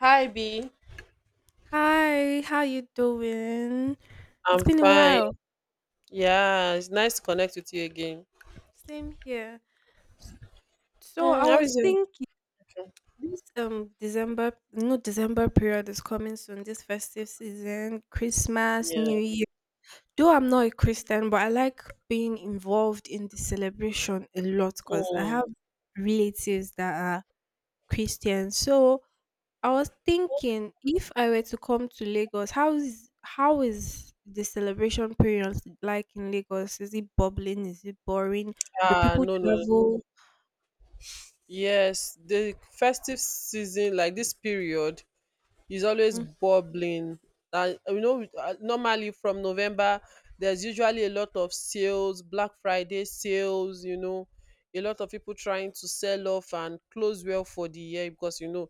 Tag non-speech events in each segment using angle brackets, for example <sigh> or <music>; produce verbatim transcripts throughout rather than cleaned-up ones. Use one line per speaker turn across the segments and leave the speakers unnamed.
Hi, B.
Hi, how you doing? It's
I'm
been a
fine.
while.
Yeah, it's nice to connect with you again.
Same here. So I
Mm, how
was
is it?
thinking this um December, no December period is coming soon. This festive season, Christmas,
Yeah.
New Year. Though I'm not a Christian, but I like being involved in the celebration a lot because I have
Mm.
relatives that are Christian. So I was thinking if I were to come to Lagos, how is how is the celebration period like in Lagos? Is it bubbling? Is it boring? Do
Ah,
people
no, no, no.
travel?
Yes, the festive season, like this period, is always
Mm.
bubbling, and you know, with- uh, normally from November there's usually a lot of sales, Black Friday sales, you know. A lot of people trying to sell off and close well for the year, because you know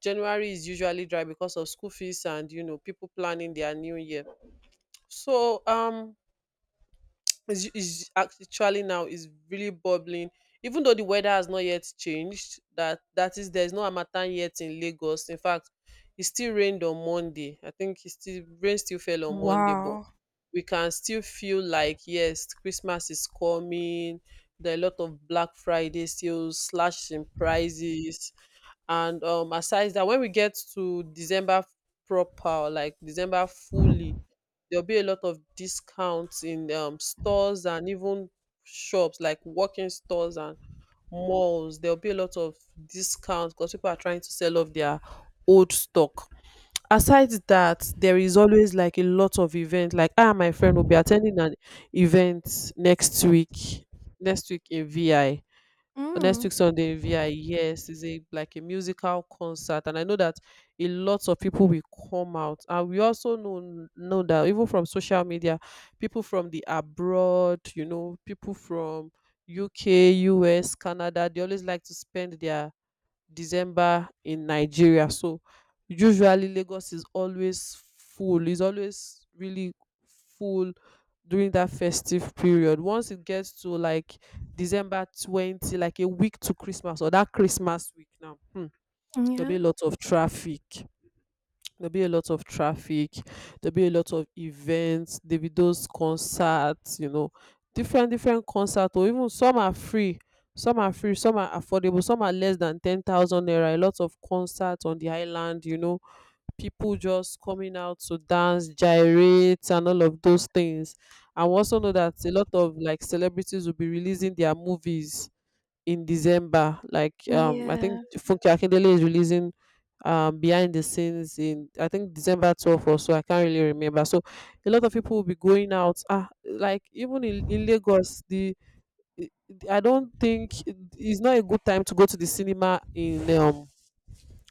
January is usually dry because of school fees and you know people planning their new year. So um is is actually, now is really bubbling, even though the weather has not yet changed. That that is, there's no harmattan yet in Lagos. In fact, it still rained on Monday. I think it still rain still fell on Monday, but
Wow.
we can still feel like yes, Christmas is coming. There are a lot of Black Friday sales slash in prices. And um aside that, when we get to December proper, like December fully, there'll be a lot of discounts in um, stores, and even shops like walking stores and malls, there'll be a lot of discounts because people are trying to sell off their old stock. Aside that, there is always like a lot of event. Like I and my friend will be attending an event next week, next week in vi next
Mm.
week Sunday in V I, yes, is a, like, a musical concert, and I know that a lot of people will come out, and we also know know that, even from social media, people from the abroad, you know, people from U K, U S, Canada, they always like to spend their December in Nigeria. So usually Lagos is always full. Is always really full during that festive period. Once it gets to like December twentieth, like a week to Christmas, or that Christmas week now, hmm, there'll be
Yeah.
a lot of traffic. There'll be a lot of traffic, there'll be a lot of events, there'll be those concerts, you know, different different concerts, or even some are free, some are free, some are affordable, some are less than ten thousand naira. A lot of concerts on the island, you know, people just coming out to dance, gyrate, and all of those things. I also know that a lot of like celebrities will be releasing their movies in December. Like um, I think
Yeah.
Funke Akindele is releasing um behind the scenes in, I think, December twelfth or so. I can't really remember. So a lot of people will be going out. Ah, like even in, in Lagos, the i- I don't think... it's not a good time to go to the cinema in um.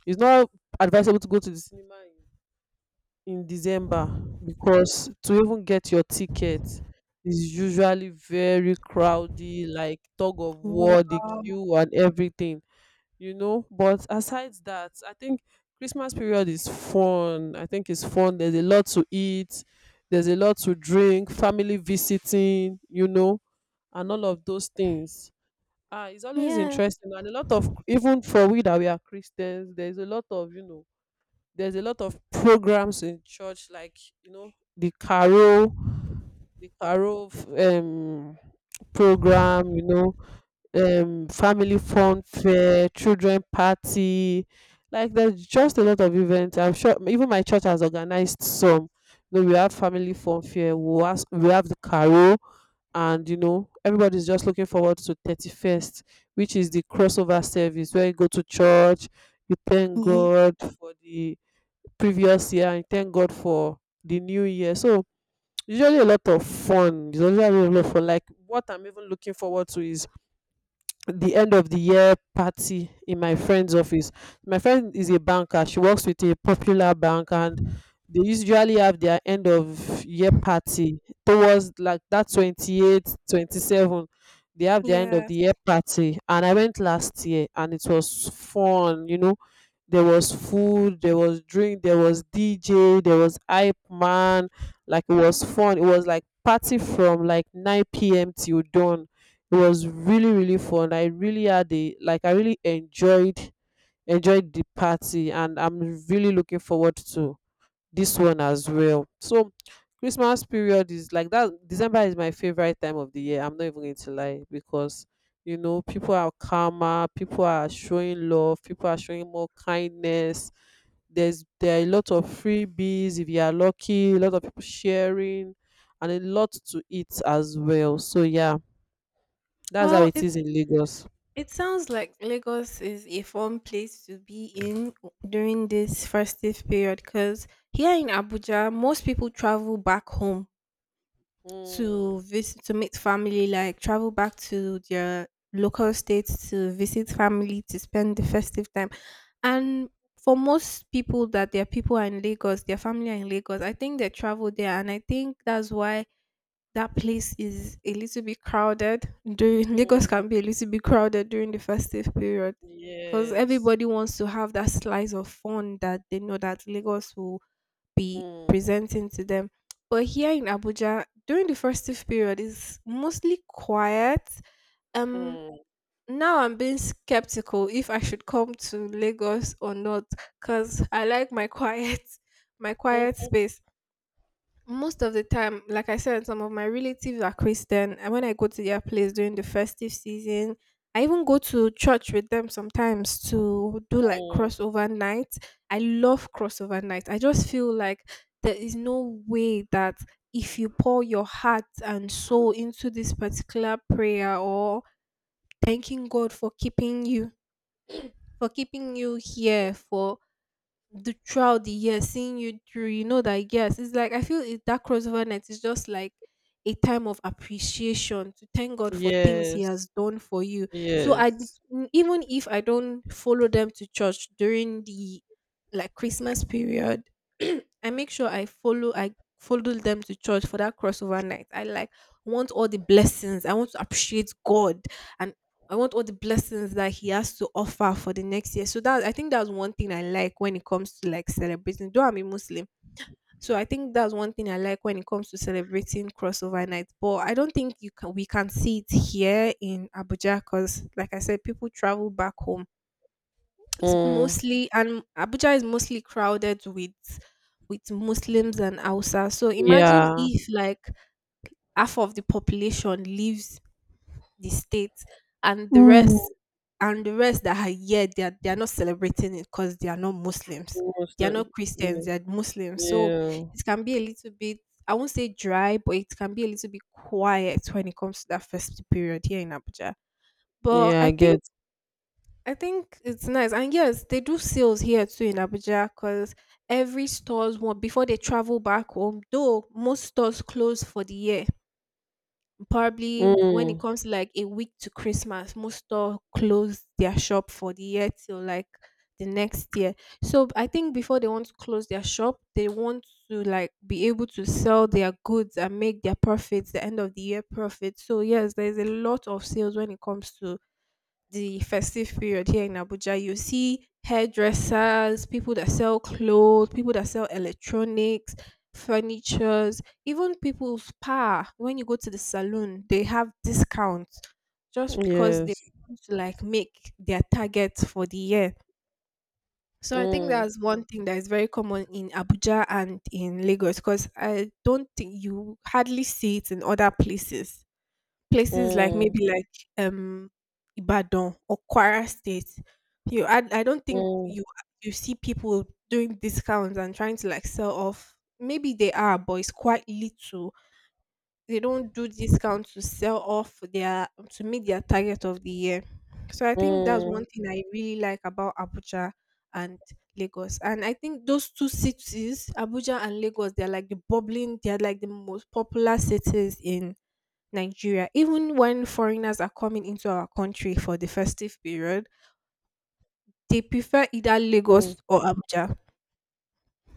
It's not advisable to go to the cinema in, in December, because to even get your ticket is usually very crowded, like tug of war, the
Wow.
queue and everything, you know. But aside that, I think Christmas period is fun. I think it's fun. There's a lot to eat, there's a lot to drink, family visiting, you know, and all of those things. Ah, it's always
Yes.
interesting, and a lot of, even for we that we are Christians, there's a lot of, you know, there's a lot of programs in church. Like, you know, the carol the carol um program, you know, um, family fun fair, children party. Like, there's just a lot of events. I'm sure even my church has organized some. You know, we have family fun fair. We have, we have the carol, and you know everybody's just looking forward to thirty first, which is the crossover service where you go to church, you thank
Ye-
God for the previous year, and thank God for the new year. So usually a lot of fun. It's usually a lot of fun. Like, what I'm even looking forward to is the end of the year party in my friend's office. My friend is a banker. She works with a popular bank, and they usually have their end of year party towards like that twenty eight, twenty seven. They have their end of the
Yes.
year party, and I went last year and it was fun, you know. There was food, there was drink, there was D J, there was hype man. Like, it was fun. It was like party from like nine p m till dawn. It was really really fun. I really had a like I really enjoyed enjoyed the party, and I'm really looking forward to this one as well. So Christmas period is like that. December is my favorite time of the year. I'm not even going to lie, because you know people are calmer, people are showing love, people are showing more kindness. There's there are a lot of freebies if you are lucky, a lot of people sharing, and a lot to eat as well. So yeah, that's how
Well,
it
it
is in Lagos.
it sounds like Lagos is a fun place to be in during this festive period because here in Abuja, most people travel back home to
Mm,
visit to meet family, like travel back to their local states to visit family to spend the festive time. And for most people that their people are in Lagos, their family are in Lagos, I think they travel there and I think that's why that place is a little bit crowded during <laughs> Lagos
mm,
can be a little bit crowded during the festive period. Because
yes.
everybody wants to have that slice of fun that they know that Lagos will be
Mm,
presenting to them. But here in Abuja, during the festive period, is mostly quiet. Um,
mm,
Now I'm being skeptical if I should come to Lagos or not, cause I like my quiet, <laughs> my
mm,
quiet space most of the time. Like I said, some of my relatives are Christian, and when I go to their place during the festive season, I even go to church with them sometimes to do like
mm.
crossover night. I love crossover night. I just feel like there is no way that if you pour your heart and soul into this particular prayer or thanking God for keeping you, for keeping you here, for the throughout the year seeing you through, you know that, yes, it's like I feel it, that crossover night is just like a time of appreciation to thank God for things he
Yes.
has done for you. so i d-
Yes.
n- even if I don't follow them to church during the like Christmas period <clears throat> I make sure i follow i follow them to church for that crossover night. I like want all the blessings. I want to appreciate God, and I want all the blessings that he has to offer for the next year. So that, I think that's one thing I like when it comes to like celebrating. Though I'm a Muslim, so I think that's one thing I like when it comes to celebrating crossover night. But I don't think you can we can see it here in Abuja because, like I said, people travel back home. It's
Mm,
mostly and Abuja is mostly crowded with with Muslims and Hausa. So imagine
yeah.
if like half of the population lives the state, and the
Mm.
rest and the rest that are here, they are, they are not celebrating it because they are not Muslims, they are
Muslim.
not Christians,
Yeah.
they are Muslims. So
Yeah.
it can be a little bit, I won't say dry, but it can be a little bit quiet when it comes to that festive period here in Abuja. But
Yeah,
i
I
think
get.
i think it's nice. And yes, they do sales here too in Abuja because every stores want before they travel back home, though most stores close for the year, probably when it
Mm,
comes to like a week to Christmas, most store close their shop for the year till like the next year. So I think before they want to close their shop, they want to like be able to sell their goods and make their profits, the end of the year profit. So yes, there's a lot of sales when it comes to the festive period here in Abuja. You see hairdressers, people that sell clothes, people that sell electronics, furnitures, even people's spa. When you go to the salon, they have discounts just because they
yes.
want to like make their target for the year. So I think
Mm,
that's one thing that is very common in Abuja and in Lagos, because I don't think you hardly see it in other places places like
mm,
maybe like um Ibadan or Kwara State. You I, I don't think
mm,
you you see people doing discounts and trying to like sell off. Maybe they are, but it's quite little. They don't do discounts to sell off their to meet their target of the year. So I think that's one
mm,
thing I really like about Abuja and Lagos. And I think those two cities, Abuja and Lagos, they're like the bubbling, they're like the most popular cities in Nigeria. Even when foreigners are coming into our country for the festive period, they prefer either
mm,
Lagos or Abuja.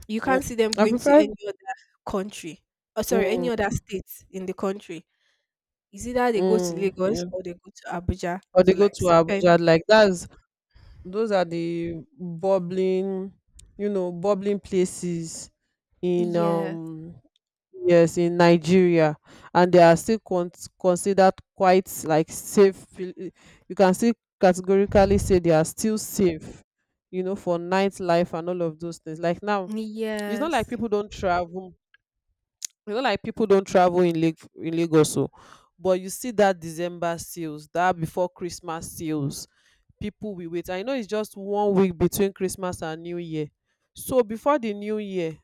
You
mm.
can't see them
I
going to
prefer.
any other country, or sorry, any
Mm,
other state in the country. It's either they go to
mm,
Lagos
yeah.
or they go to Abuja
Or they
to
go
like
to
spend.
Abuja, like that's those are the bubbling, you know, bubbling places in
Yes,
um yes, in Nigeria, and they are still con- considered quite like safe. pl- eh, You can still categorically say they are still safe, you know, for nightlife and all of those things. Like now, it's not like
yes,
people don't travel. It's not like people don't travel in Lake in Lagos, so. But you see that December sales, that before Christmas sales, people will wait. I know it's just one week between Christmas and New Year, so before the new year,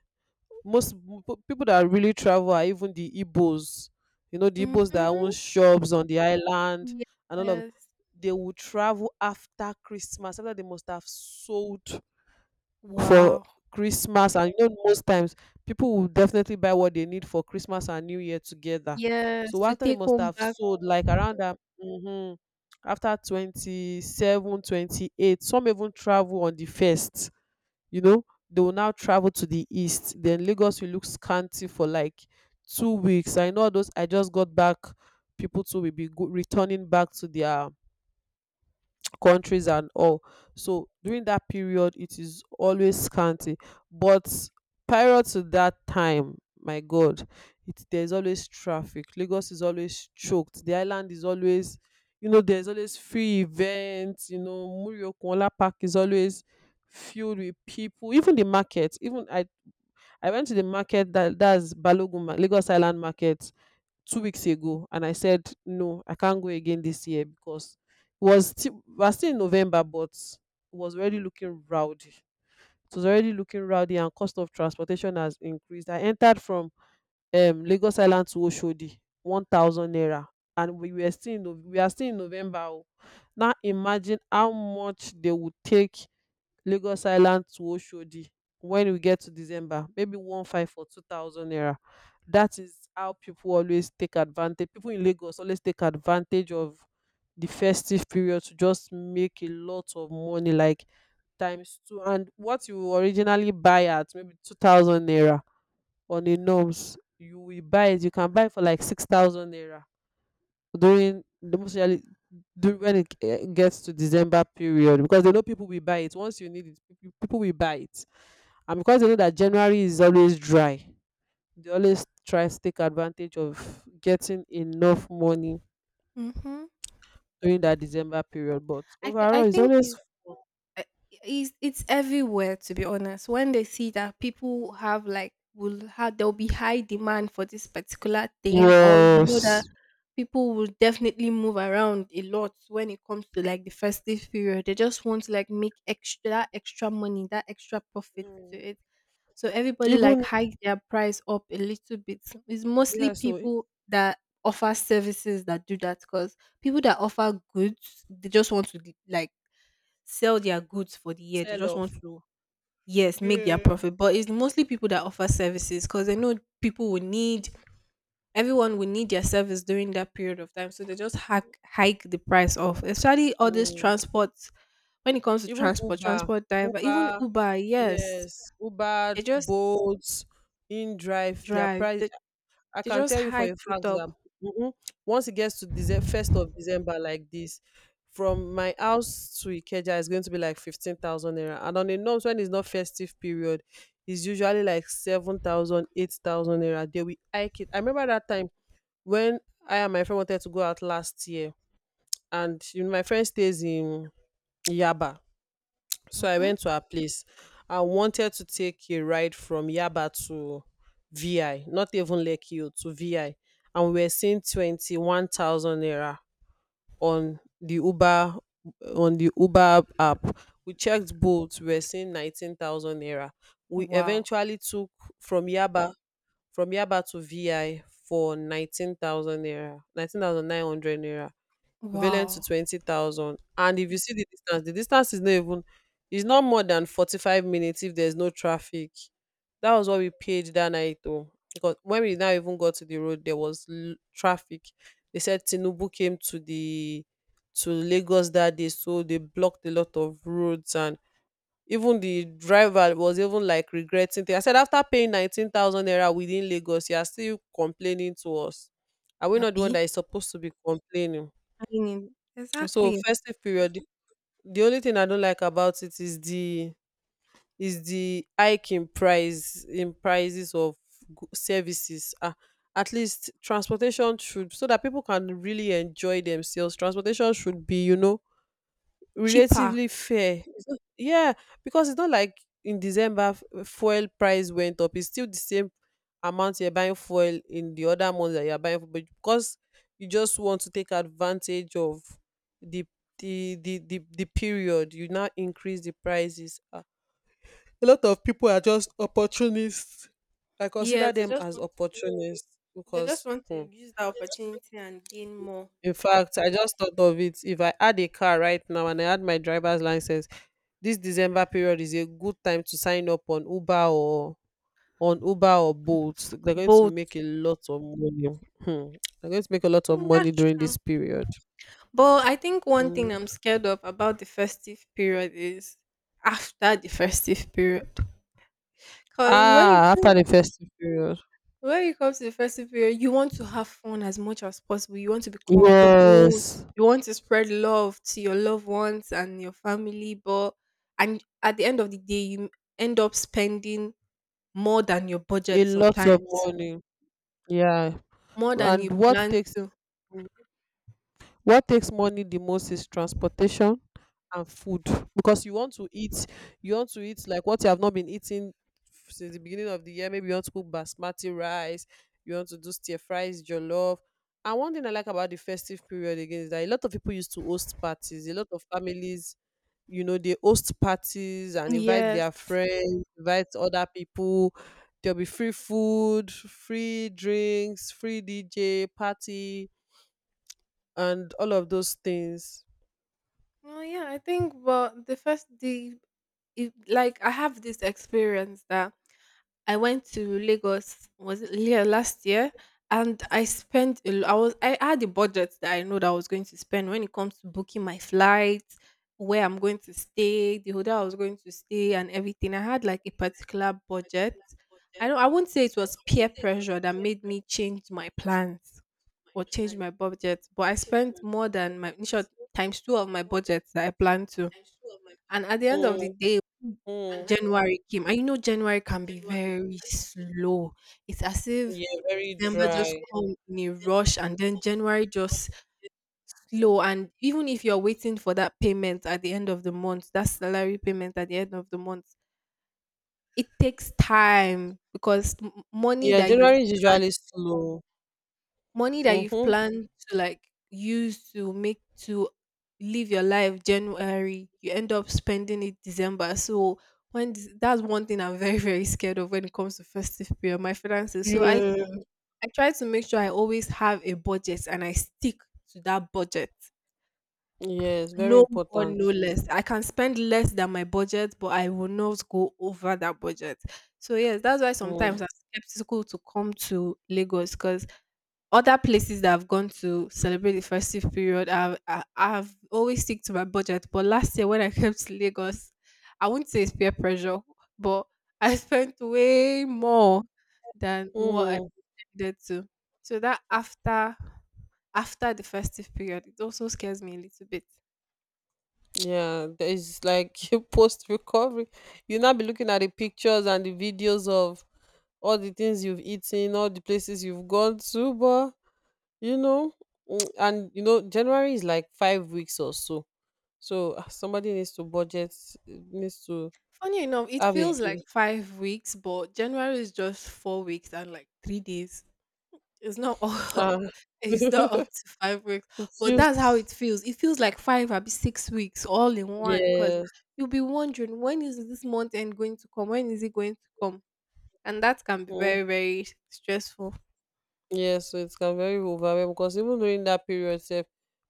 most m- p- people that really travel are even the Igbos. You know, the Igbos that
mm-hmm,
own shops on the island, and all of
yes.
they will travel after Christmas, after they must have sold for
Wow.
Christmas. And you know, most times people will definitely buy what they need for Christmas and New Year together.
Yes,
So
to
after they
take
must
home
have
back.
sold, like around that, mm-hmm, after twenty seven, twenty eight, some even travel on the first, you know, they will now travel to the east. Then Lagos will look scanty for like two weeks. I know, those I just got back, people too will be go- returning back to their countries and all. So during that period, it is always scanty. But prior to that time, my God, it, there's always traffic. Lagos is always choked. The island is always, you know, there's always free events. You know, Muriokunla Park is always filled with people. Even the market. Even I, I went to the market, that that's Balogun Ma- Lagos Island Market, two weeks ago, and I said no, I can't go again this year because it was still we are still in November, but it was already looking rowdy. It was already looking rowdy, and cost of transportation has increased. I entered from um Lagos Island to Oshodi, one thousand naira, and we were still in, Nov- we are still in November. O. Now imagine how much they would take Lagos Island to Oshodi when we get to December, maybe one five for two thousand naira. That is how people always take advantage. People in Lagos always take advantage of the festive period to just make a lot of money, like times two, and what you originally buy at maybe two thousand naira on a norms, you will buy it you can buy it for like six thousand naira during the most usually do, when it eh, gets to December period, because they know people will buy it. Once you need it, peop- people will buy it. And because they know that January is always dry, they always try to take advantage of getting enough money
Mm-hmm.
during that December period. But
I th- I
overall, it's
think
always
it's
fun.
I- it's it's everywhere, to be honest. When they see that people have like will have, there'll be high demand for this particular thing, or you know that
Yes.
people will definitely move around a lot when it comes to like the festive period, they just want to like make extra, that extra money, that extra profit to
Mm.
it. So everybody like
Even
hike their price up a little bit. It's mostly
yeah, so
people that offer services that do that, because people that offer goods, they just want to like sell their goods for the year. They
sell
just want
off.
to, yes, make their
Yeah.
profit. But it's mostly people that offer services because they know people will need, everyone will need their service during that period of time. So they just hack, hike the price off, especially all this
Mm.
transport. When it comes to
Even
transport,
Uber,
transport driver, even
Uber.
Uber, yes,
Yes,
they
Uber,
just
Bolt, InDrive, their
drive,
price.
they,
I
they
can
just
tell you for a
hike it
fact that,
up.
mhm, once it gets to December, first of December, like this, from my house to Ikeja is going to be like fifteen thousand naira, and on a norms when it's not festive period, it's usually like seven thousand, eight thousand naira. They will hike it. I remember that time when I and my friend wanted to go out last year, and you know, my friend stays in Yaba. So I went
Hmm.
to her place. I wanted to take a ride from Yaba to V I, not even Lekki o, to V I. And we were seeing twenty one thousand naira on the Uber on the Uber app. We checked both, we were seeing nineteen thousand naira. We
Wow.
eventually took from Yaba from Yaba to V I for nineteen thousand naira, nineteen thousand nine hundred naira, equivalent to
Wow.
twenty thousand. And if you see the distance, the distance, is not even, is not more than forty five minutes if there's no traffic. That was what we paid that night, though. Because when we now even got to the road, there was l- traffic. They said Tinubu came to the to Lagos that day, so they blocked a lot of roads, and even the driver was even like regretting thing. I said after paying nineteen thousand naira within Lagos, you are still complaining to us. Are we not the one
Abby.
that is supposed to be complaining?
I mean,
So
exactly.
festive period, the the only thing I don't like about it is the is the hike in price in prices of go- services. Ah, at least transportation should so that people can really enjoy themselves. Transportation should be, you know,
Cheaper.
relatively fair. It's not- Yeah, because it's not like in December f- fuel price went up. It's still the same amount you're buying fuel in the other months that you're buying, fuel, but because you just want to take advantage of the the the the, the period, you now increase the prices. Ah, A lot of people are just opportunists. I consider
Yes, they
them
just
as
want to.
opportunists
They just
because.
want to
hmm,
use that opportunity and gain more.
In fact, I just thought of it. If I had a car right now and I had my driver's license, this December period is a good time to sign up on Uber or on Uber or Bolt. They're going to
Both.
make a lot of money. Hmm. They're going to make a lot of
Mm, that's
money during
true.
this period.
But I think one thing
Mm.
I'm scared of about the festive period is after the festive period. Because when it
Ah, after
comes
the festive period.
when it comes to the festive period, you want to have fun as much as possible. You want to be comfortable.
Yes.
You want to spread love to your loved ones and your family. But and at the end of the day, you end up spending more than your
A
budget
lot of
sometimes,
money. Yeah.
more than you
And what
plan
takes
to.
what takes money the most is transportation and food because you want to eat you want to eat like what you have not been eating since the beginning of the year. Maybe you want to cook basmati rice, you want to do stir fries, jollof. And one thing I like about the festive period again is that a lot of people used to host parties. A lot of families, you know, they host parties and invite their
Yes.
friends, invite other people. There'll be free food, free drinks, free DJ party, and all of those things.
Oh yeah, I think, well, the first the it, like I have this experience that I went to Lagos, was it, yeah, last year, and I spent a lo- I was I had a budget that I know that I was going to spend when it comes to booking my flights, where I'm going to stay, the hotel I was going to stay, and everything. I had like a particular budget. I don't I won't say it was peer pressure that made me change my plans or change my budget, but I spent more than my initial, times two of my budget that I planned to. And at the end of the
Mm,
day, when
mm.
January came, and you know January can be very slow. It's as if
Yeah, very
December just
dry.
come in a rush, and then January just slow. And even if you're waiting for that payment at the end of the month, that salary payment at the end of the month, it takes time because m- money
Yeah,
that you've
January is usually slow.
money that you've
Mm-hmm.
planned to like use to make to live your life January, you end up spending it December. So when this- that's one thing I'm very <laughs> very scared of when it comes to festive period, my finances. So I
Yeah.
I try to make sure I always have a budget and I stick to that budget.
Yes, very
No more,
important.
no less. I can spend less than my budget, but I will not go over that budget. So yes, that's why
Mm.
sometimes I'm skeptical to come to Lagos, because other places that I've gone to celebrate the festive period, I've, I, I've always stick to my budget. But last year when I came to Lagos, I wouldn't say it's peer pressure, but <laughs> I spent way more than what I
Mm.
needed to. So that after after the festive period, it also scares me a little bit.
Yeah, there is like <laughs> you post recovery. You now be looking at the pictures and the videos of all the things you've eaten, all the places you've gone to, but you know, mm, and you know, January is like five weeks or so. So ah, somebody needs to budget, needs to
Funny enough, it
have a
feels like
good.
five weeks, but January is just four weeks and like three days. It's not all. <laughs>
Uh,
It's not up to five weeks,
<laughs>
but that's how
refuse.
it feels. It feels like five or six weeks all in one. Because
Yes.
you'll be wondering, when is this month end going to come? When is it going to come? And that can be
Mm,
very very stressful.
yes, so it can very overwhelm because even during that period, sef,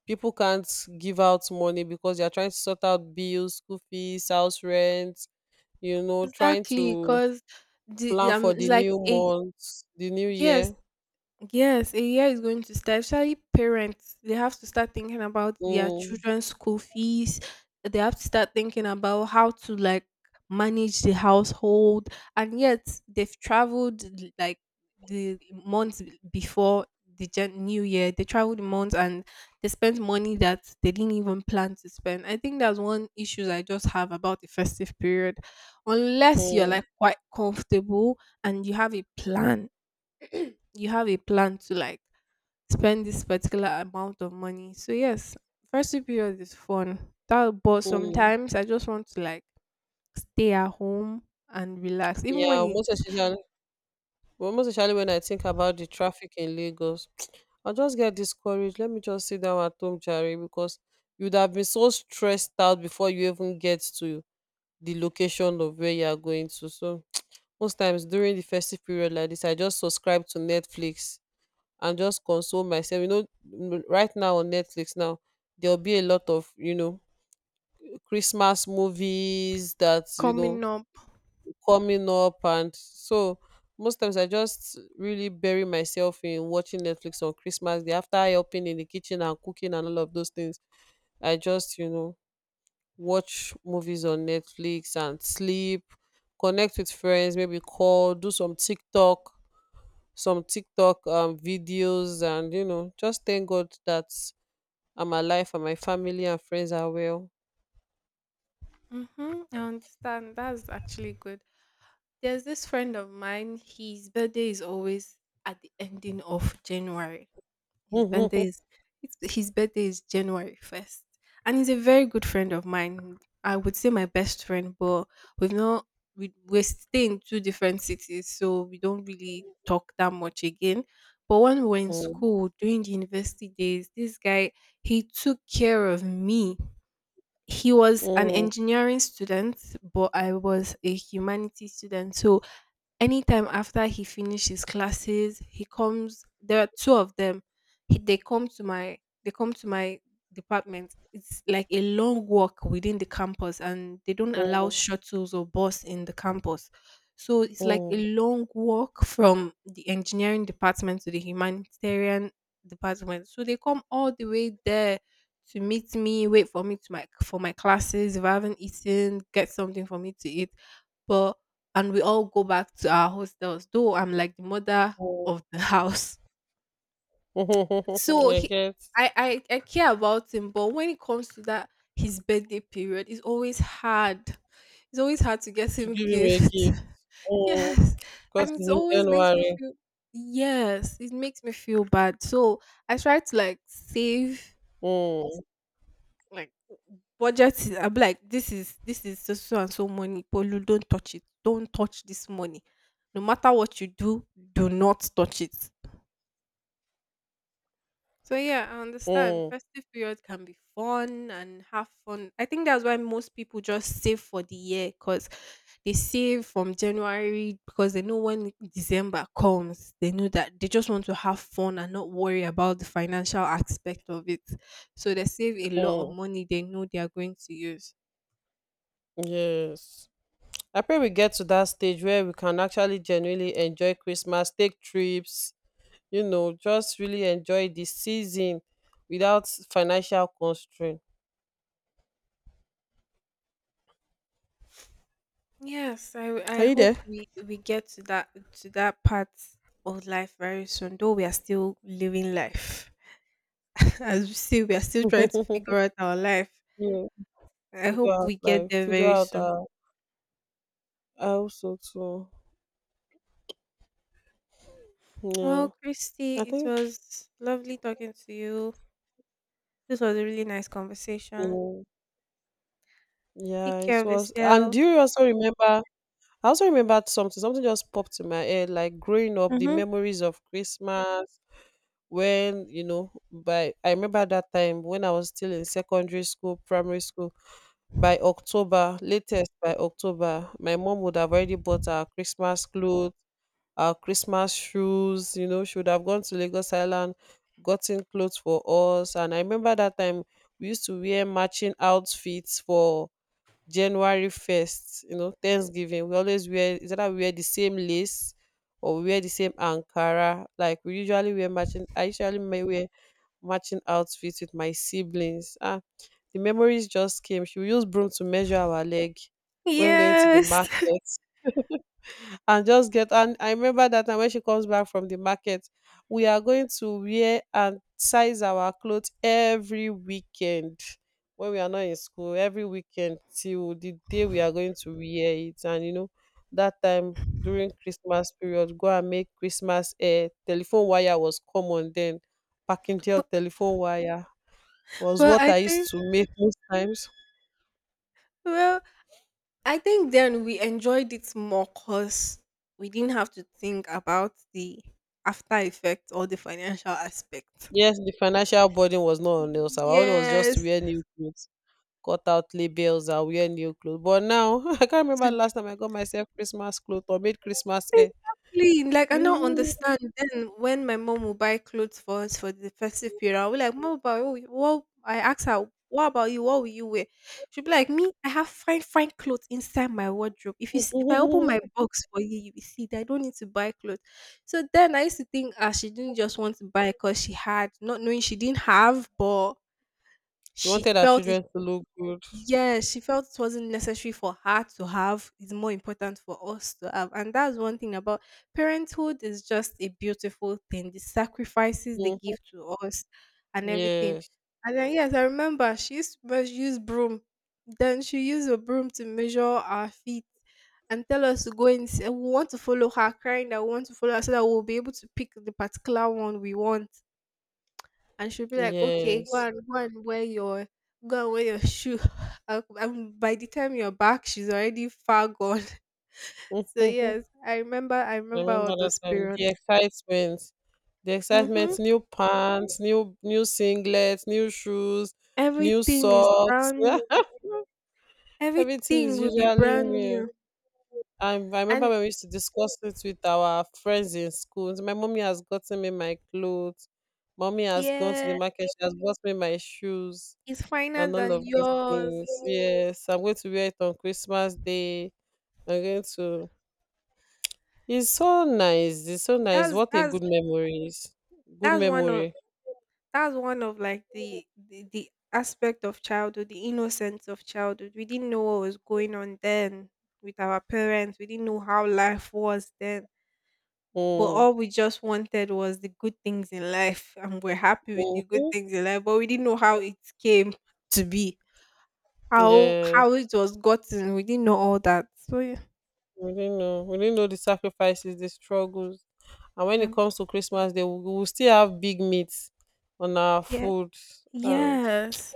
people can't give out money because they are trying to sort out bills, school fees, house rent, you know, trying
Exactly,
to
because the
plan
um
for
it's
the
like
new
a
month, the new
yes.
year.
Yes, a year is going to start. Especially parents, they have to start thinking about their
Mm,
children's school fees. They have to start thinking about how to like manage the household. And yet they've traveled l- like the months b- before the gen- new year. They traveled months and they spent money that they didn't even plan to spend. I think that's one issue I just have about the festive period. Unless you're
mm,
like quite comfortable and you have a plan you have a plan to like spend this particular amount of money. So yes, first two period is fun. That but
mm.
sometimes I just want to like stay at home and relax. Even
Yeah,
when
most
it's
especially, well, most especially when I think about the traffic in Lagos, <tsk> I'll just get discouraged. Let me just sit down at home, Jerry, because you'd have been so stressed out before you even get to the location of where you are going to. So most times during the festive period like this, I just subscribe to Netflix and just console myself. You know, m- right now on Netflix now, there'll be a lot of, you know, Christmas movies that, you know,
coming up.
coming up. And so most times I just really bury myself in watching Netflix on Christmas Day after helping in the kitchen and cooking and all of those things. I just, you know, watch movies on Netflix and sleep, connect with friends, maybe call, do some TikTok some TikTok um, videos, and you know, just thank God that I'm alive and my family and friends are well.
Mm-hmm, I understand. That's actually good. There's this friend of mine, his birthday is always at the ending of January. His birthday
<laughs>
is it's- his birthday is January first, and he's a very good friend of mine. I would say my best friend, but we've not we we stay in two different cities, so we don't really talk that much again. But when we were in
Mm,
school during the university days, this guy he took care of me. He was an
mm,
engineering student, but I was a humanities student. So anytime after he finished his classes, he comes. There are two of them. He, they come to my they come to my department. It's like a long walk within the campus, and they don't allow
mm,
shuttles or bus in the campus. So it's like
mm, mm.
a long walk from the engineering department to the humanitarian department. So they come all the way there to meet me, wait for me to my for my classes. If I haven't eaten, get something for me to eat. But and we all go back to our hostels. Though I'm like the mother
Mm.
of the <laughs> house,
<laughs>
so
I
he,
get
I, I I care about him. But when it comes to that, his birthday period is always hard. It's always hard to get
to
him
give him a
gifts.
gift,
<laughs>
mm,
Yes,
because
and it
it's in
always makes me
January.
feel. Yes, it makes me feel bad. So I try to like save,
Mm,
like w- budget it. I am like, this is this is so so and so money. Polu, don't touch it. Don't touch this money. No matter what you do, do not touch it. So yeah, I understand.
mm,
Festive period can be fun and have fun. I think that's why most people just save for the year because they save from January because they know when December comes, they know that they just want to have fun and not worry about the financial aspect of it. So they save a lot of
mm.
money they know they are going to use.
Yes. I pray we get to that stage where we can actually genuinely enjoy Christmas, take trips, you know, just really enjoy the season without financial constraint.
Yes, I I
Are you
hope
there?
we we get to that to that part of life very soon. Though we are still living life, <laughs> as we see, we are still trying to
<laughs>
figure out our life.
Yeah,
I
figure
hope
out
we get
life,
there
figure
very
out
soon.
our. I also too.
Well,
Yeah.
Christy,
I
it
think
was lovely talking to you. This was a really nice conversation.
yeah,
Take
yeah, it
care of
was. And
yourself.
do you also remember? I also remembered something. Something just popped in my head, like growing up, the
Mm-hmm.
memories of Christmas when, you know, by I remember that time when I was still in secondary school, primary school, by October, latest by October, my mom would have already bought our Christmas clothes, our Christmas shoes. You know, she would have gone to Lagos Island, gotten clothes for us. And I remember that time we used to wear matching outfits for January first, you know, Thanksgiving. We always wear, is that we wear the same lace or we wear the same Ankara. Like we usually wear matching, I usually may wear matching outfits with my siblings. Ah, the memories just came. She would use broom to measure our leg when going to the
Yes.
market and just get. And I remember that time when she comes back from the market, we are going to wear and size our clothes every weekend when we are not in school, every weekend till the day we are going to wear it. And you know, that time during Christmas period, go and make Christmas, eh, telephone wire was common then. Packingtail
<laughs>
telephone wire was
Well,
what
I
I used
think.
to make most times.
Well, I think then we enjoyed it more because we didn't have to think about the after effect or the financial aspect.
Yes, the financial burden was not on us. Our own was just to
Yes.
wear new clothes, cut out labels and wear new clothes. But now <laughs> I can't remember
To
last time I got myself Christmas clothes or made Christmas hair.
Exactly. Like I don't
Mhm.
understand. Then when my mom will buy clothes for us for the festive period, I'll be like, Mom, but what, what I ask her, what about you? What will you wear? She'll be like, Me, I have fine, fine clothes inside my wardrobe. If you s- if I open my
<laughs>
box for you, you will see that I don't need to buy clothes. So then I used to think ah, she didn't just want to buy because she had, not knowing she didn't have, but
She
she
wanted her
felt it.
children to look good.
Yes, she felt it wasn't necessary for her to have, it's more important for us to have. And that's one thing about parenthood is just a beautiful thing. The sacrifices they give
Mhm.
to us and everything.
Yes,
And then yes, I remember she used to meas- use broom. Then she used a broom to measure our feet and tell us to go and say, we want to follow her, crying that we want to follow her so that we'll be able to pick the particular one we want and she'll be like, "Okay, go
yes.
and go and wear your go and wear your shoe." <laughs> And and by the time you're back, she's already far gone. <laughs> So
<laughs>
yes,
Mhm.
I remember. I
I
remember all
remember that
those
time.
period.
The excitement, the excitement.
Mm-hmm.
New pants, new new singlets, new shoes, new
Everything is
socks.
brand.
<laughs> Everything
Everything
is
will be
usually
brand
new.
new,
I, I remember
and
when we used to discuss it with our friends in school. My mommy has gotten me my clothes. Mommy has gone to the
yeah,
market. She has bought me my shoes
it's finer
and all
than
of those
yours.
things. Yes, I'm going to wear it on Christmas Day. I'm going to. It's so nice. It's so nice.
That's
What a
that's
good memory is. Good
that's one of
memory.
that's one of like the, the the aspect of childhood, the innocence of childhood. We didn't know what was going on then with our parents. We didn't know how life was then, but
Mm.
all we just wanted was the good things in life and we're happy with the good
Hmm.
things in life, but we didn't know how it came to be, how
Yes.
how it was gotten. We didn't know all that, so yeah.
We didn't know. We didn't know the sacrifices, the struggles. And when it
um,
comes to Christmas Day, we will still have big meats on our
yeah.
food. And
Yes.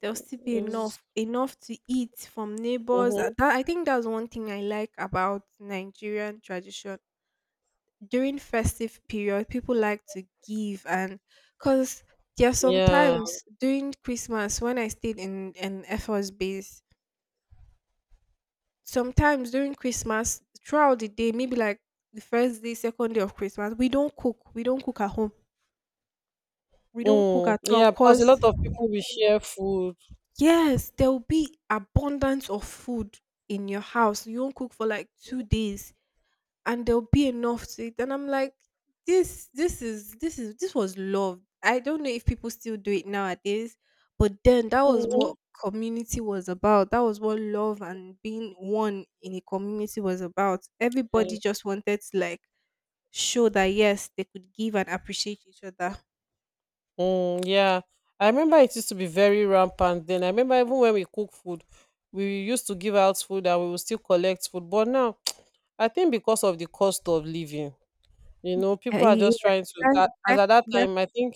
There'll still be
it's,
enough, enough to eat from neighbors. Uh,
hmm,
That, I think that's one thing I like about Nigerian tradition. During festive period, people like to give, and because there are
yeah,
sometimes during Christmas when I stayed in an efforts base, sometimes during Christmas throughout the day, maybe like the first day, second day of Christmas, we don't cook. We don't cook at home. We don't cook
mm,
at all,
yeah, because a
cause
lot of people will share food.
yes, there will be abundance of food in your house. You won't cook for like two days, and there'll be enough to eat. And I'm like, this, this is, this is, this was love. I don't know if people still do it nowadays, but then that was
Mhm.
what community was about. That was what love and being one in a community was about.
Yeah.
Everybody just wanted to like show that yes, they could give and appreciate each other.
Mm, yeah, I remember it used to be very rampant then. I remember even when we cook food, we used to give out food and we will still collect food. But now, <tsk> I think because of the cost of living, you
Y-
know,
uh,
people are just
yeah,
trying to.
that,
That, as
that,
at that
that
time, I think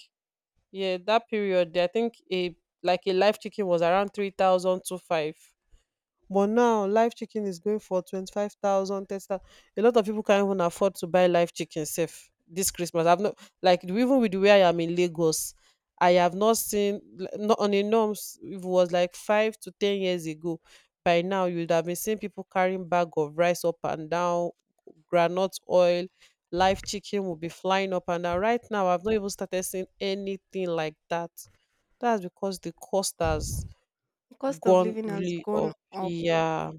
yeah, that period, I think a like a live chicken was around three thousand two five. But now live chicken is going for twenty-five thousand, thirty thousand. A lot of people can't even afford to buy live chicken safe this Christmas. I've not, like, even with where I am in Lagos, I have not seen l- not on a norms it was like five to ten years ago. By now you'd have been seeing people carrying bag of rice up and down, granite oil, live chicken will be flying up and down. Right now I've not even started seeing anything like that. That's because the cost has
cost of
gone
living has
really
gone
up.
up.
Yeah.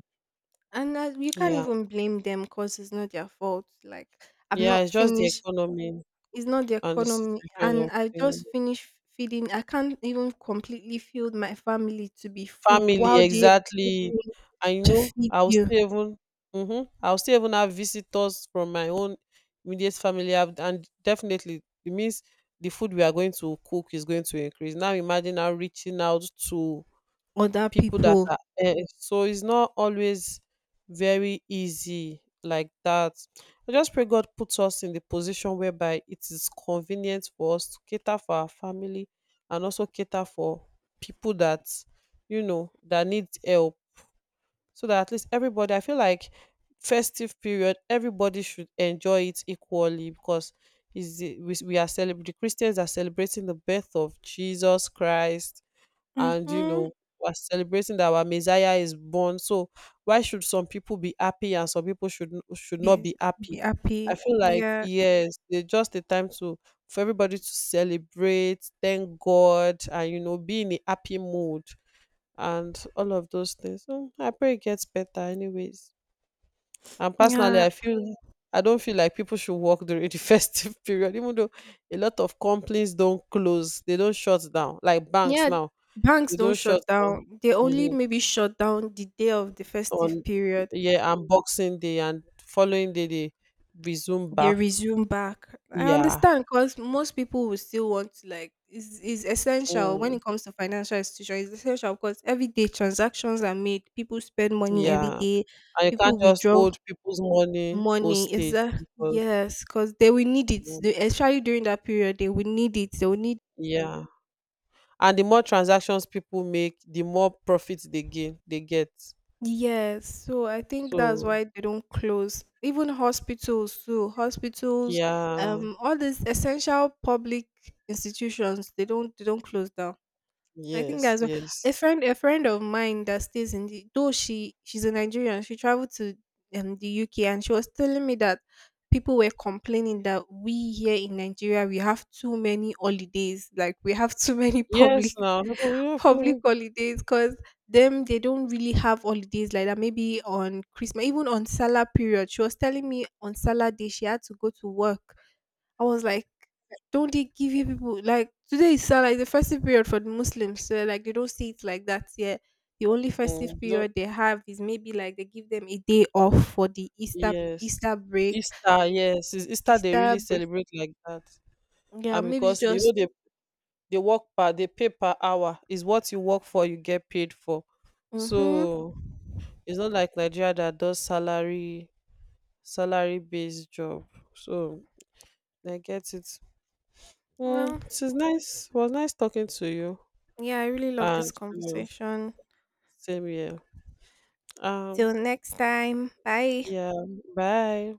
And uh, you can't
Yeah,
even blame them because it's not their fault. Like, I've
yeah,
not
it's just the
finished,
economy
it's not the
and the
economy.
situation
And
of
I
the
just finished feeding, I can't even completely feed my family to be full.
family,
Why do you expect
exactly.
me
I
to
know
feed
I'll
you
still even, mm-hmm, I'll still even have visitors from my own immediate family. I've- and definitely it means the food we are going to cook is going to increase. Now imagine now reaching out to
other
people that
people?
are, eh, so it's not always very easy like that. I just pray God puts us in the position whereby it is convenient for us to cater for our family and also cater for people that, you know, that need help, so that at least everybody, I feel like festive period everybody should enjoy it equally, because is the, we, we are celebrating, the Christians are celebrating the birth of Jesus Christ. And you
Mm-hmm.
know we're celebrating that our Messiah is born. So why should some people be happy and some people should n- should not
Be,
be happy?
be
I
happy.
feel like
Yeah.
yes, they just a time to for everybody to celebrate, thank God, and you know be in a happy mood and all of those things. So I pray it gets better, anyways. And personally,
Yeah.
I feel I don't feel like people should work during the <laughs> festive period, even though a lot of companies don't close, they don't shut down like banks
Yeah,
now,
banks
you
don't
don't shut
shut
down,
down. They only
mhm,
maybe shut down the day of the
on
festive period.
yeah, and Boxing Day and following day they resume
They
back.
resume back. I
Yeah.
understand because most people will still want to like is is essential when
Mm,
it comes to financial institutions. It's essential because every day transactions are made. People spend money every
yeah.
day.
And you can't
People
just
withdraw
hold people's money
money. Is
hostage
that
because,
yes? Because they will need it.
mm,
They, especially during that period, they will need it. They will need.
yeah. And the more transactions people make, the more profit they gain they get.
Yes, so I think that's
So
why they don't close. Even hospitals too, hospitals,
yeah.
um, all these essential public institutions, they don't they don't close down. I think
Yes,
that's what
yes.
a friend a friend of mine that stays in the though she she's a Nigerian, she traveled to um, the U K and she was telling me that people were complaining that we here in Nigeria we have too many holidays, like we have too many public
Yes now.
<laughs> public
<laughs>
holidays because them they don't really have holidays like that. Maybe on Christmas, even on Salah period. She was telling me on Salah day she had to go to work. I was like, don't they give you people like today is uh, like the festive period for the Muslims, so like they don't see it like that here. The only festive
Mm, you don't-
period they have is maybe like they give them a day off for the Easter
Yes.
Easter break.
Easter, yes. Is Easter they
Easter
really
br-
celebrate like that.
yeah,
And
maybe
because they know
just
they they work per, they pay per hour is what you work for you get paid for.
mm-hmm.
So it's not like Nigeria that does salary salary based job. So I get it.
Well,
Mm, it is nice was nice talking to you.
yeah, I really love this
And you know,
conversation.
same here, um
Till next time. Bye.
yeah. Bye.